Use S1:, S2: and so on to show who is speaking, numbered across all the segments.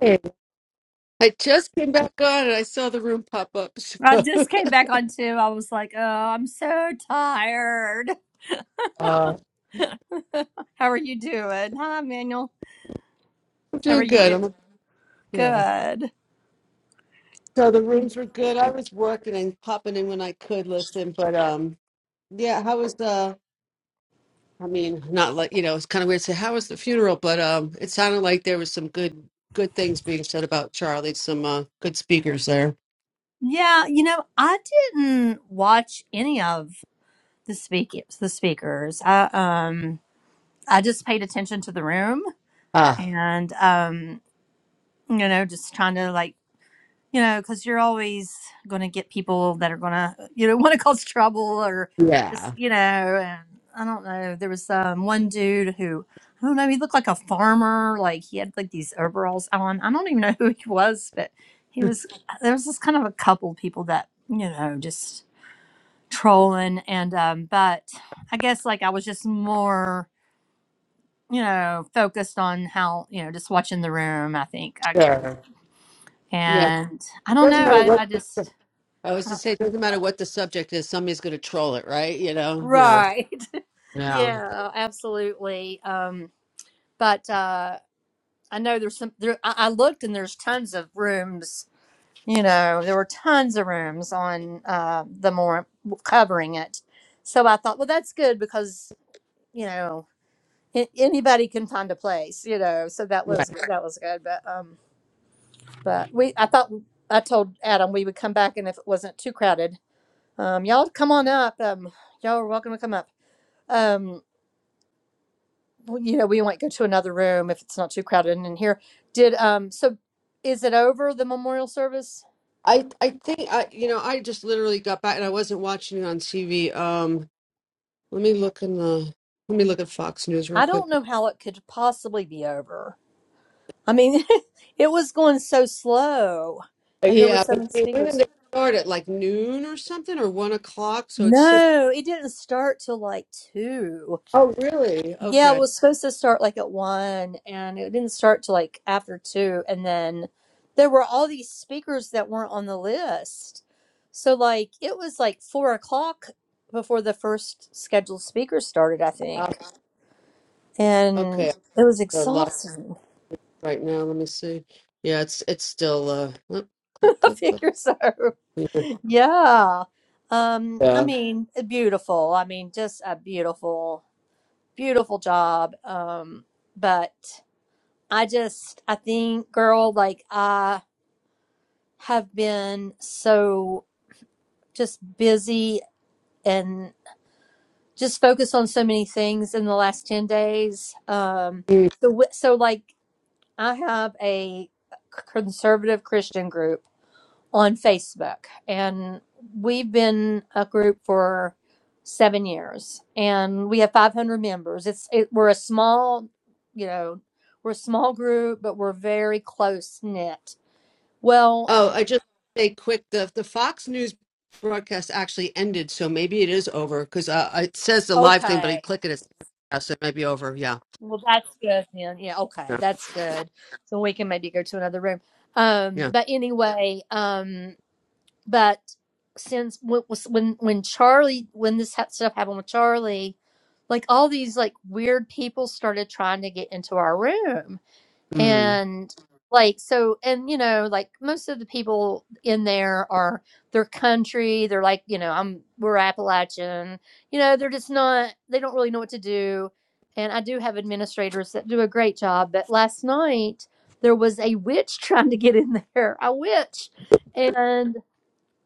S1: Hey, I just came back on and I saw the room pop up.
S2: I just came back on two. I was like, oh, I'm so tired.
S1: So uh,
S2: How are you doing? Hi, Manuel.
S1: I'm uh,
S2: How are
S1: doing
S2: you
S1: good.
S2: doing?
S1: I'm, yeah.
S2: Good.
S1: so the rooms were good. I was working and popping in when I could listen, but um, yeah. How was the? I mean, not like you know, it's kind of weird to say how was the funeral, but um, it sounded like there was some good good things being said about Charlie. Some uh, good speakers there.
S2: Yeah, you know, I didn't watch any of the speakers. The speakers. I um, I just paid attention to the room
S1: Ah,
S2: and um, you know, just trying to like you know, because you're always going to get people that are going to, you know, want to cause trouble or just,
S1: yeah,
S2: you know, and I don't know. There was um, one dude who, I don't know, he looked like a farmer. Like he had like these overalls on. I don't even know who he was, but he was, uh, there was this kind of a couple people that, you know, just trolling. And, um, but I guess like I was just more, you know, focused on how, you know, just watching the room, I think. I,
S1: sure. Yeah,
S2: and I
S1: it
S2: don't
S1: doesn't
S2: know.
S1: matter
S2: I,
S1: what.
S2: I
S1: The,
S2: just,
S1: I was to say, it doesn't matter what the subject is. Somebody's going to troll it, right? You know? Yeah.
S2: Right.
S1: Yeah.
S2: Yeah, absolutely. Um, but uh, I know there's some there I, I looked and there's tons of rooms, you know, there were tons of rooms on uh the more covering it. So I thought, well, that's good because, you know, a- anybody can find a place, you know. So that
S1: right.
S2: was that was good, but um but we I thought I told Adam we would come back and if it wasn't too crowded, um y'all come on up. Um y'all are welcome to come up. Um well, you know, we might go to another room if it's not too crowded in here. Did um so is it over the memorial service?
S1: I I think I you know I just literally got back and I wasn't watching it on TV. Um, let me look in the let me look at Fox News real
S2: I
S1: quick.
S2: don't know how it could possibly be over. I mean, it was going so slow
S1: Uh,
S2: and there were
S1: Yeah,
S2: so many
S1: but they, when did
S2: speakers.
S1: they start at like noon or something or one o'clock? So it's six.
S2: No, it didn't start till like 2.
S1: Oh, really?
S2: Yeah, it
S1: Okay.
S2: was supposed to start like at one, and it didn't start till like after two. And then there were all these speakers that weren't on the list. So, like, it was like four o'clock before the first scheduled speaker started, I
S1: Uh,
S2: think.
S1: okay.
S2: And it was
S1: They're live
S2: exhausting.
S1: right now. Let me see. Yeah, it's it's still uh. oh, Click
S2: I
S1: click click.
S2: figure so.
S1: Yeah.
S2: Yeah. Um, I mean, eh, beautiful. I mean, just a beautiful, beautiful job. Um, but. I just, I think, girl, like, have been so just busy and just focused on so many things in the last 10 days. Um,
S1: Yeah.
S2: so, wi- so like I have a conservative Christian group on Facebook and we've been a group for seven years and we have 500 members. It's, it, we're a small, you know, we're a small group, but we're very close knit. Well,
S1: Oh, I just say quick the the Fox News broadcast actually ended, so maybe it is over because uh, it says the live thing, but you
S2: okay.
S1: click it, it's yeah, so it might be over. Yeah,
S2: Well, that's good then. Yeah, okay,
S1: yeah,
S2: that's good. So we can maybe go to another room. Um,
S1: yeah.
S2: but anyway, um, but since when when when Charlie when this ha- stuff happened with Charlie, like all these like weird people started trying to get into our room,
S1: Mm.
S2: and like so and you know like most of the people in there are their country they're like you know i'm we're appalachian you know they're just not they don't really know what to do and i do have administrators that do a great job but last night there was a witch trying to get in there a witch and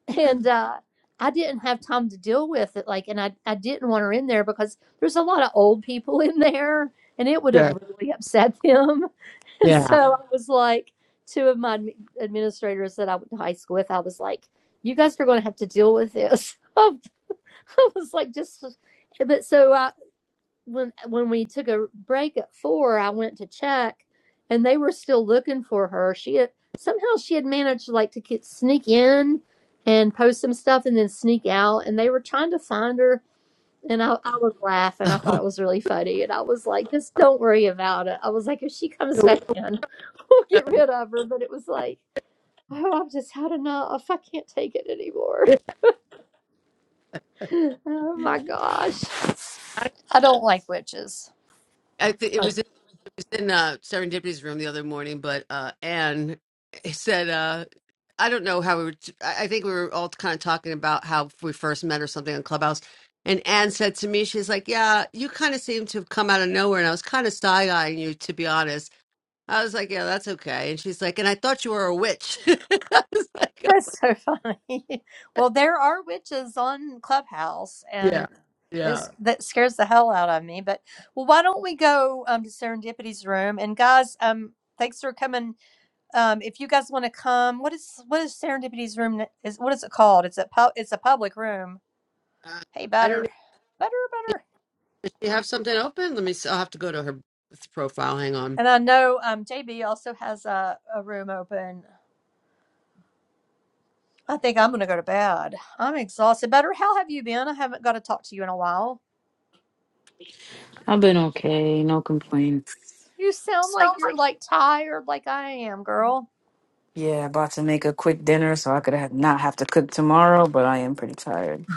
S2: and uh, I didn't have time to deal with it. Like, and I, I didn't want her in there because there's a lot of old people in there, and it would have
S1: Yeah,
S2: really upset them. And so
S1: yeah.
S2: Yeah. I was like, two of my admi- administrators that I went to high school with, I was like, you guys are going to have to deal with this. I was like, just, but so I, when when we took a break at four, I went to check, and they were still looking for her. She had, somehow she had managed like to get sneak in and post some stuff, and then sneak out, and they were trying to find her. And I, I was laughing. I thought it
S1: Oh,
S2: was really funny. And I was like, just don't worry about it. I was like, if she comes back in, we'll get rid of her. But it was like, oh, I've just had enough. I can't take it anymore. Oh my gosh.
S1: I,
S2: I don't like witches.
S1: I think it was in, it was in uh, Serendipity's room the other morning, but uh, Anne said, uh, I don't know how we were. t- I I think we were all kind of talking about how we first met or something on Clubhouse. And Anne said to me, she's like, Yeah, you kind of seem to have come out of nowhere. And I was kind of side eyeing you, to be honest I was like, yeah, that's okay. And she's like, and I thought you were a witch. I was like,
S2: That's so funny. well, there are witches on Clubhouse,
S1: Yeah,
S2: and it's
S1: yeah.
S2: that scares the hell out of me. But well, why don't we go um, to Serendipity's room? And guys, um, thanks for coming. Um, if you guys want to come, what is what is Serendipity's room? n- Is what is it called? It's a pu- it's a public room.
S1: uh,
S2: Hey,
S1: I don't.
S2: Butter,
S1: even-
S2: Butter, Butter.
S1: Does she have something open? Let me. See. I'll have to go to her profile. Hang on.
S2: And I know um, JB also has a, a room open. I think I'm going to go to bed. I'm exhausted. Butter. how have you been? I haven't got to talk to you in a while.
S3: I've been okay, no complaints.
S2: You sound like you're like tired, like I am, girl.
S3: Yeah, about to make a quick dinner so I could ha- not have to cook tomorrow, but I am pretty tired.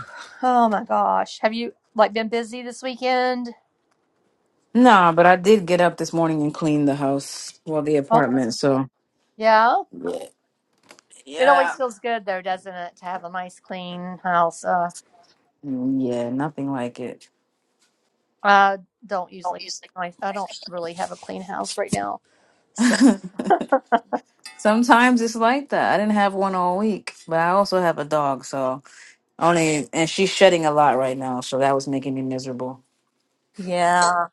S2: Oh my gosh, have you like been busy this weekend?
S3: Nah, but I did get up this morning and clean the house, well, the
S2: Oh,
S3: apartment,
S2: that's-
S3: so.
S2: yeah.
S3: Yeah.
S2: It always
S3: Yeah,
S2: feels good though, doesn't it, to have a nice clean house? Uh,
S3: Yeah, nothing like it.
S2: I don't
S3: Oh.
S2: usually. I I don't really have a clean house right now, so.
S3: Sometimes it's like that. I didn't have one all week, but I also have a dog, so only, and she's shedding a lot right now, so that was making me miserable.
S2: Yeah.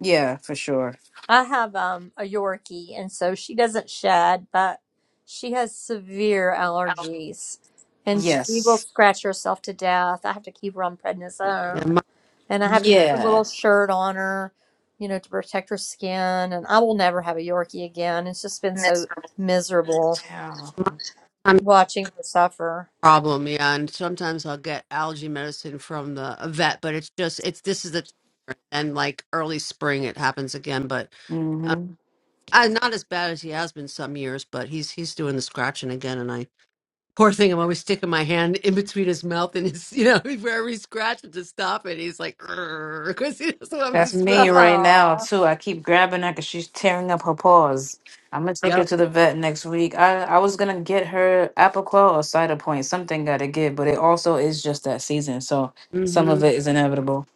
S3: Yeah, for sure.
S2: I have um a Yorkie and so she doesn't shed, but she has severe
S3: Oh.
S2: allergies and she will
S3: Yes.
S2: scratch herself to death. I have to keep her on
S1: Yeah,
S2: prednisone
S1: my,
S2: and I have to put a
S3: Yeah.
S2: little shirt on her, you know, to protect her skin. And I will never have a Yorkie again. It's just been so
S3: Miserable.
S2: miserable
S3: Yeah.
S1: my tummy
S2: watching her suffer.
S1: problem. Yeah, and sometimes I'll get allergy medicine from the a vet, but it's just it's this is the time, and like early spring it happens again. But um,
S3: hmm
S1: I, not as bad as he has been some years, but he's he's doing the scratching again, and I. Poor thing, I'm always sticking my hand in between his mouth and his, you know, wherever he scratches to stop it. He's like, because he doesn't want me
S3: That's
S1: to smell. I'm
S3: me
S1: like,
S3: right now
S2: Aw,
S3: too. I keep grabbing her because she's tearing up her paws. I'm gonna take her
S1: yep.
S3: to the vet next week. I I was gonna get her Apoquel or Cider Point. Something gotta give, but it also is just that season, so some
S1: hmm
S3: of it is inevitable.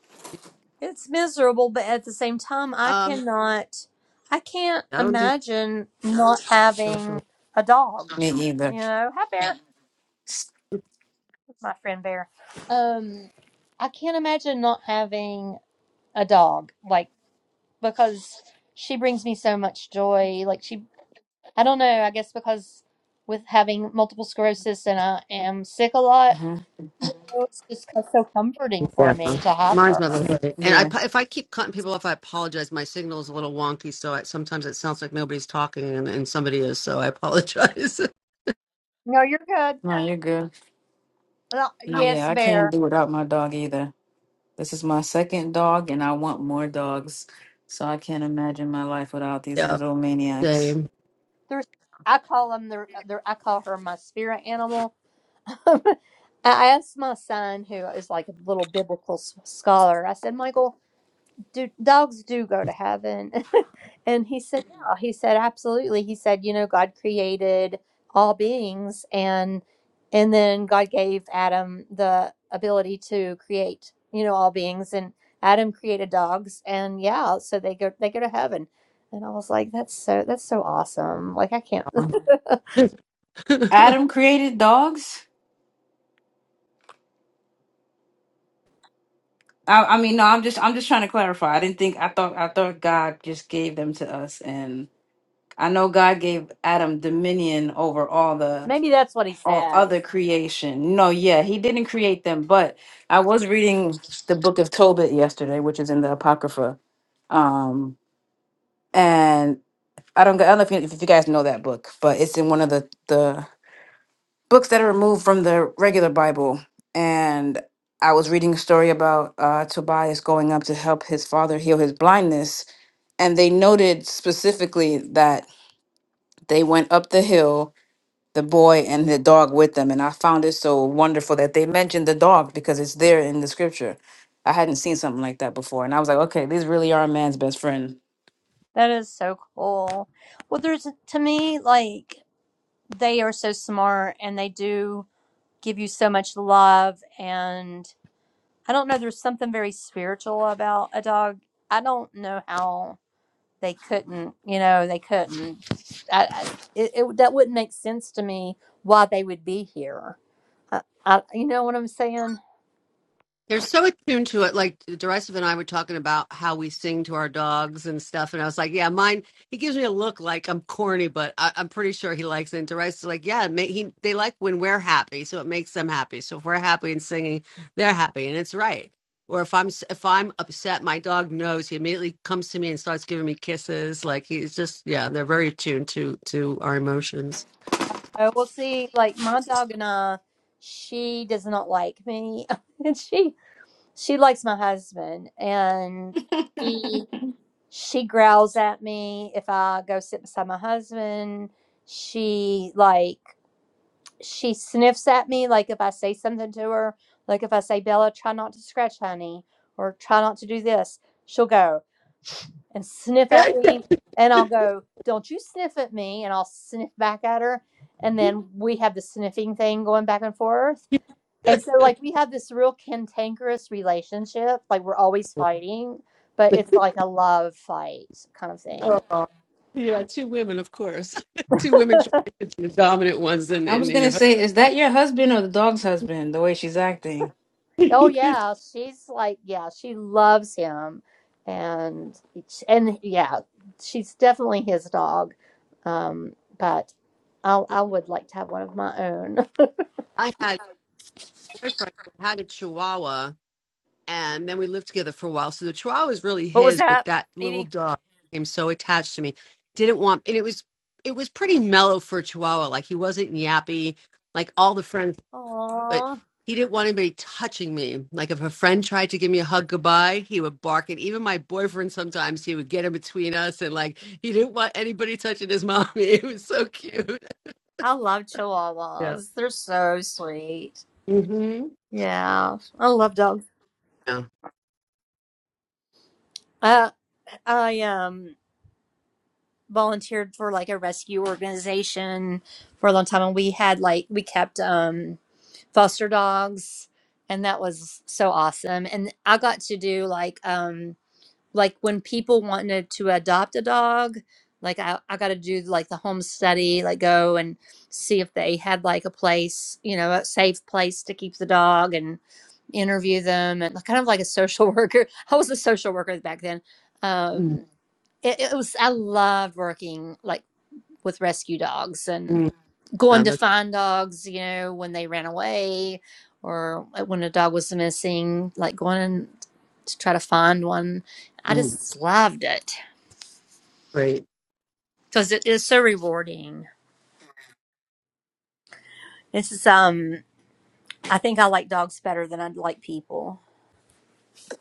S2: it's miserable, but at the same time, I
S1: Um,
S2: cannot, I can't
S1: I don't think
S2: imagine not
S1: social.
S2: having a dog.
S3: Me either.
S2: You know, hi Bear, that's my friend Bear. Um, I can't imagine not having a dog, like because she brings me so much joy. Like she I don't know. I guess because with having multiple sclerosis and I am sick a lot,
S3: hmm
S2: it's just so comforting for
S1: Yeah.
S2: me
S1: huh.
S2: to have
S1: Mine's
S2: her.
S1: my little buddy. And I,
S3: Yeah.
S1: if I keep cutting people off, I apologize. My signal's a little wonky, so I, sometimes it sounds like nobody's talking and, and somebody is, so I apologize.
S2: No, you're good.
S3: No, you're good.
S2: Well,
S3: No,
S2: yes,
S3: yeah, I can't
S2: bear.
S3: do without my dog either. This is my second dog, and I want more dogs. So I can't imagine my life without these
S1: yeah.
S3: little maniacs.
S1: Same.
S2: There's. I call them the. the I call her my spirit animal. I asked my son, who is like a little biblical s- scholar. I said, Michael, do dogs do go to heaven? And he said, yeah. He said, absolutely. He said, you know, God created all beings and and then God gave Adam the ability to create, you know, all beings and Adam created dogs and yeah, so they go they go to heaven. And I was like, that's so that's so awesome. Like I can't
S3: Adam created dogs. I, I mean, no, I'm just I'm just trying to clarify. I didn't think I thought I thought God just gave them to us, and I know God gave Adam dominion over all the
S2: maybe that's what he
S3: all
S2: said.
S3: other creation. No, yeah, He didn't create them, but I was reading the book of Tobit yesterday, which is in the Apocrypha, um, and I don't I don't know if you, if you guys know that book, but it's in one of the the books that are removed from the regular Bible. And I was reading a story about uh, Tobias going up to help his father heal his blindness. And they noted specifically that they went up the hill, the boy and the dog with them. And I found it so wonderful that they mentioned the dog because it's there in the scripture. I hadn't seen something like that before. And I was like, okay, these really are a man's best friend.
S2: That is so cool. Well, there's to me like they are so smart and they do give you so much love and I don't know. There's something very spiritual about a dog. I don't know how they couldn't. You know, they couldn't. I, I, it, it that wouldn't make sense to me why they would be here. I, I, you know what I'm saying?
S1: They're so attuned to it. Like Derisive and I were talking about how we sing to our dogs and stuff. And I was like, yeah, mine, he gives me a look like I'm corny, but I, I'm pretty sure he likes it. And Derisive's like, yeah, ma- he, they like when we're happy. So it makes them happy. So if we're happy and singing, they're happy. And it's right. Or if I'm if I'm upset, my dog knows. He immediately comes to me and starts giving me kisses. Like he's just yeah, they're very attuned to to our emotions.
S2: Uh, Well, see, like my dog and I, she does not like me, and she she likes my husband, and she she growls at me if I go sit beside my husband. She like she sniffs at me like if I say something to her, like if I say, Bella, try not to scratch honey or try not to do this, she'll go and sniff at me and I'll go, Don't you sniff at me and I'll sniff back at her and then we have the sniffing thing going back and forth. And so like we have this real cantankerous relationship, like we're always fighting, but it's like a love fight kind of thing.
S1: Oh, yeah, two women, of course. two women trying to be the dominant ones in,
S3: I
S1: in,
S3: was
S1: in
S3: going
S1: your
S3: to say, is that your husband or the dog's husband, the way she's acting?
S2: Oh
S1: husband.
S2: yeah, she's like yeah, she loves him, and and yeah, she's definitely his dog. Um, but I I would like to have one of my own.
S1: I had a boyfriend who had a chihuahua, and then we lived together for a while. So the chihuahua was really
S2: What was
S1: his, but
S2: that,
S1: that little
S2: Edie?
S1: dog became so attached to me. Didn't want, and it was it was pretty mellow for a chihuahua. Like he wasn't yappy. Like all the friends but
S2: Aw,
S1: he didn't want anybody touching me. Like if a friend tried to give me a hug goodbye, he would bark. And even my boyfriend sometimes he would get in between us and like he didn't want anybody touching his mommy. It was so cute.
S2: I love
S1: Yeah.
S2: Chihuahuas. They're so sweet.
S1: Mm-hmm.
S2: Yeah, I love dogs.
S1: Yeah.
S2: Uh, I um volunteered for like a rescue organization for a long time, and we had like we kept um. foster dogs and that was so awesome and i got to do like um like when people wanted to adopt a dog like i, I got to do like the home study like go and see if they had like a place you know a safe place to keep the dog and interview them and like, kind of like a social worker i was a social worker back then um
S1: Mm-hmm.
S2: it, it was i loved working like with rescue dogs and
S1: yeah
S2: going to
S1: that's
S2: find dogs, you know, when they ran away or like, when a dog was missing, like going and to try to find one. I
S1: mm,
S2: just loved it
S1: great.
S2: because it is so rewarding. This is um, I think I like dogs better than I like people.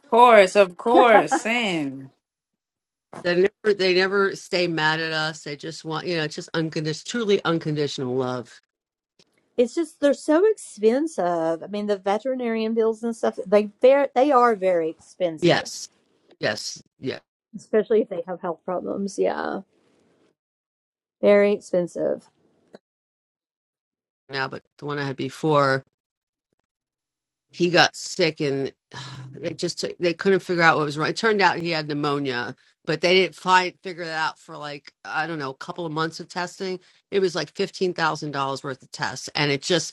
S3: Of course, of course, Sam.
S1: They never they never stay mad at us. They just want you know it's just unconditional, truly unconditional love.
S2: It's just they're so expensive. I mean, the veterinarian bills and stuff, they ver- they are very expensive,
S1: Yes. Yes. Yeah.
S2: especially if they have health problems. Yeah, very expensive.
S1: Now, but the one I had before he got sick and they just took- they couldn't figure out what was wrong. It turned out he had pneumonia, but they didn't find figure that out for like I don't know a couple of months of testing. It was like fifteen thousand dollars worth of tests, and it just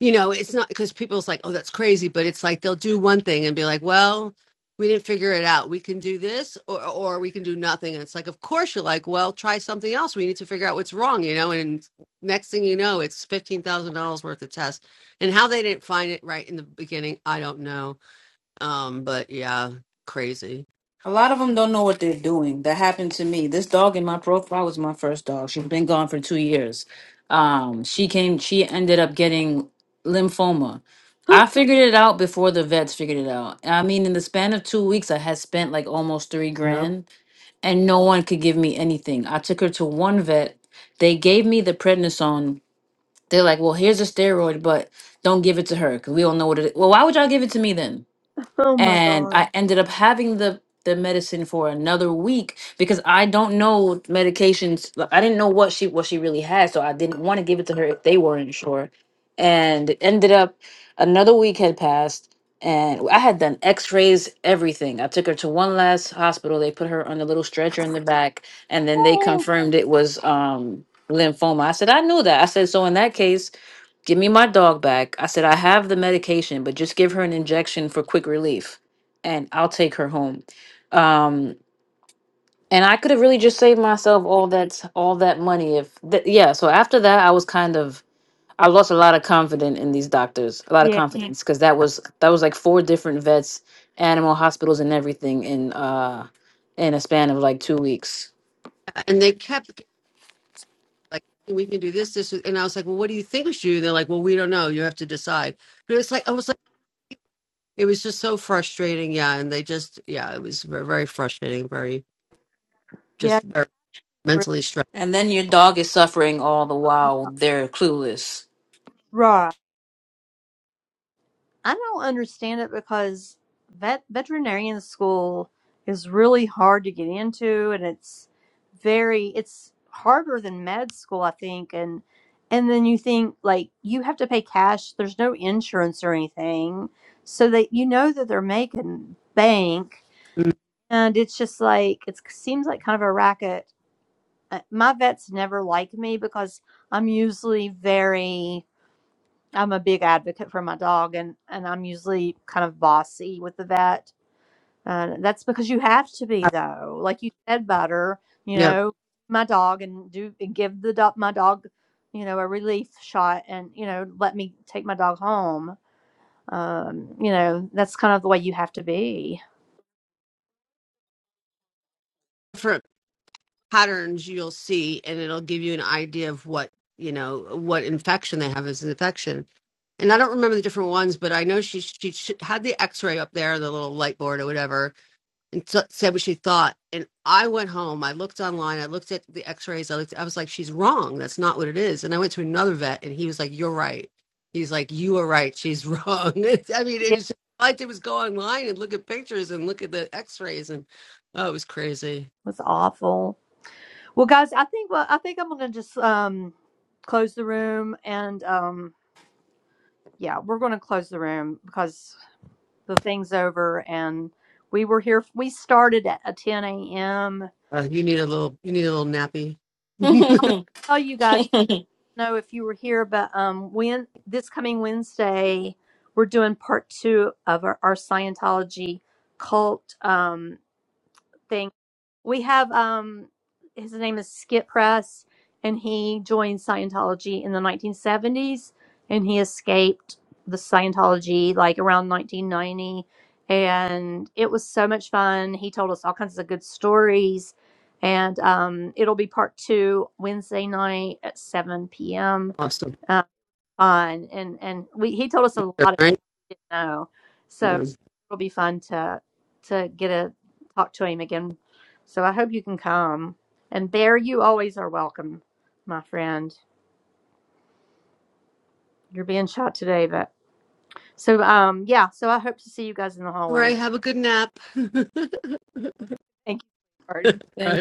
S1: you know, it's not because people's like, oh, that's crazy, but it's like they'll do one thing and be like, well, we didn't figure it out. We can do this or, or we can do nothing. And it's like, of course, you're like, well, try something else. We need to figure out what's wrong, you know? And next thing you know, it's $15,000 worth of tests. And how they didn't find it right in the beginning, I don't know. Um, but yeah, crazy.
S3: A lot of them don't know what they're doing. That happened to me. This dog in my profile was my first dog. She's been gone for two years. Um, she came. She ended up getting lymphoma.
S2: oh
S3: I figured it out before the vets figured it out. I mean, in the span of two weeks, I had spent like almost three
S1: Yep.
S3: grand, and no one could give me anything. I took her to one vet. They gave me the prednisone. They're like, "Well, here's a steroid, but don't give it to her because we don't know what it is." Well, why would y'all give it to me then?
S2: my
S3: and
S2: God.
S3: I ended up having the the medicine for another week because I don't know medications. like, I didn't know what she what she really had, so I didn't want to give it to her if they weren't sure. And it ended up another week had passed, and I had done X rays, everything. I took her to one last hospital. They put her on a little stretcher in the back, and then they
S2: Oh.
S3: confirmed it was um lymphoma. I said I knew that. I said so in that case Give me my dog back. I said, I have the medication, but just give her an injection for quick relief and I'll take her home. Um, and I could have really just saved myself all that all that money if th- yeah. So after that, I was kind of I lost a lot of confidence in these doctors, a lot of confidence because that was that was like four different vets, animal hospitals, and everything in uh in a span of like two weeks.
S1: And they kept like, we can do this, this. And I was like, well, what do you think we should do? And they're like, well, we don't know. You have to decide. But it's like, I was like. It was just so frustrating. Yeah. And they just, yeah, it was ve- very frustrating, very
S2: Yeah, yeah.
S1: just very mentally stressed.
S3: And then your dog is suffering all the while they're clueless.
S2: Right. I don't understand it because vet veterinarian school is really hard to get into and it's very it's harder than med school, I think, and and then you think like you have to pay cash, there's no insurance or anything. So that you know that they're making bank
S1: Mm,
S2: and it's just like it seems like kind of a racket. Uh, My vets never like me because I'm usually very I'm a big advocate for my dog, and and I'm usually kind of bossy with the vet. Uh, that's because you have to be though, like you said, butter. You
S1: Yeah.
S2: know, my dog and do and give the dog my dog, you know, a relief shot, and you know, let me take my dog home. Um, you know, that's kind of the way you have to be.
S1: Different patterns you'll see, and it'll give you an idea of what, you know, what infection they have as an infection. And I don't remember the different ones, but I know she, she, she had the x ray up there, the little light board or whatever and so, said what she thought. And I went home. I looked online. I looked at the X-rays. I looked. I was like, she's wrong. That's not what it is. And I went to another vet, and he was like, you're right. He's like, you are right. She's wrong. I mean, it
S2: Yeah,
S1: was just, all I did was go online and look at pictures and look at the X-rays, and oh, it was crazy.
S2: was awful. Well, guys, I think well, I think I'm gonna just um close the room, and um, yeah, we're gonna close the room because the things over and we were here we started at at 10 a.m
S1: Uh, you need a little. You need a little nappy.
S2: tell you guys I don't know if you were here but um when this coming wednesday we're doing part two of our, our scientology cult um thing. we have um his name is Skip Press and he joined Scientology in the 1970s and he escaped the Scientology like around 1990 and it was so much fun. He told us all kinds of good stories and um it'll be part 2 Wednesday night at 7 p.m.
S1: awesome.
S2: uh, on and and we he told us a lot
S1: All
S2: of
S1: right.
S2: didn't know. So
S1: Yeah.
S2: it'll be fun to to get a talk to him again. So I hope you can come. And Bear, you always are welcome, my friend. You're being shot today, but so um yeah, so I hope to see you guys in the
S1: All
S2: hallway.
S1: right. Have a good nap.
S2: Thank you.
S3: Then.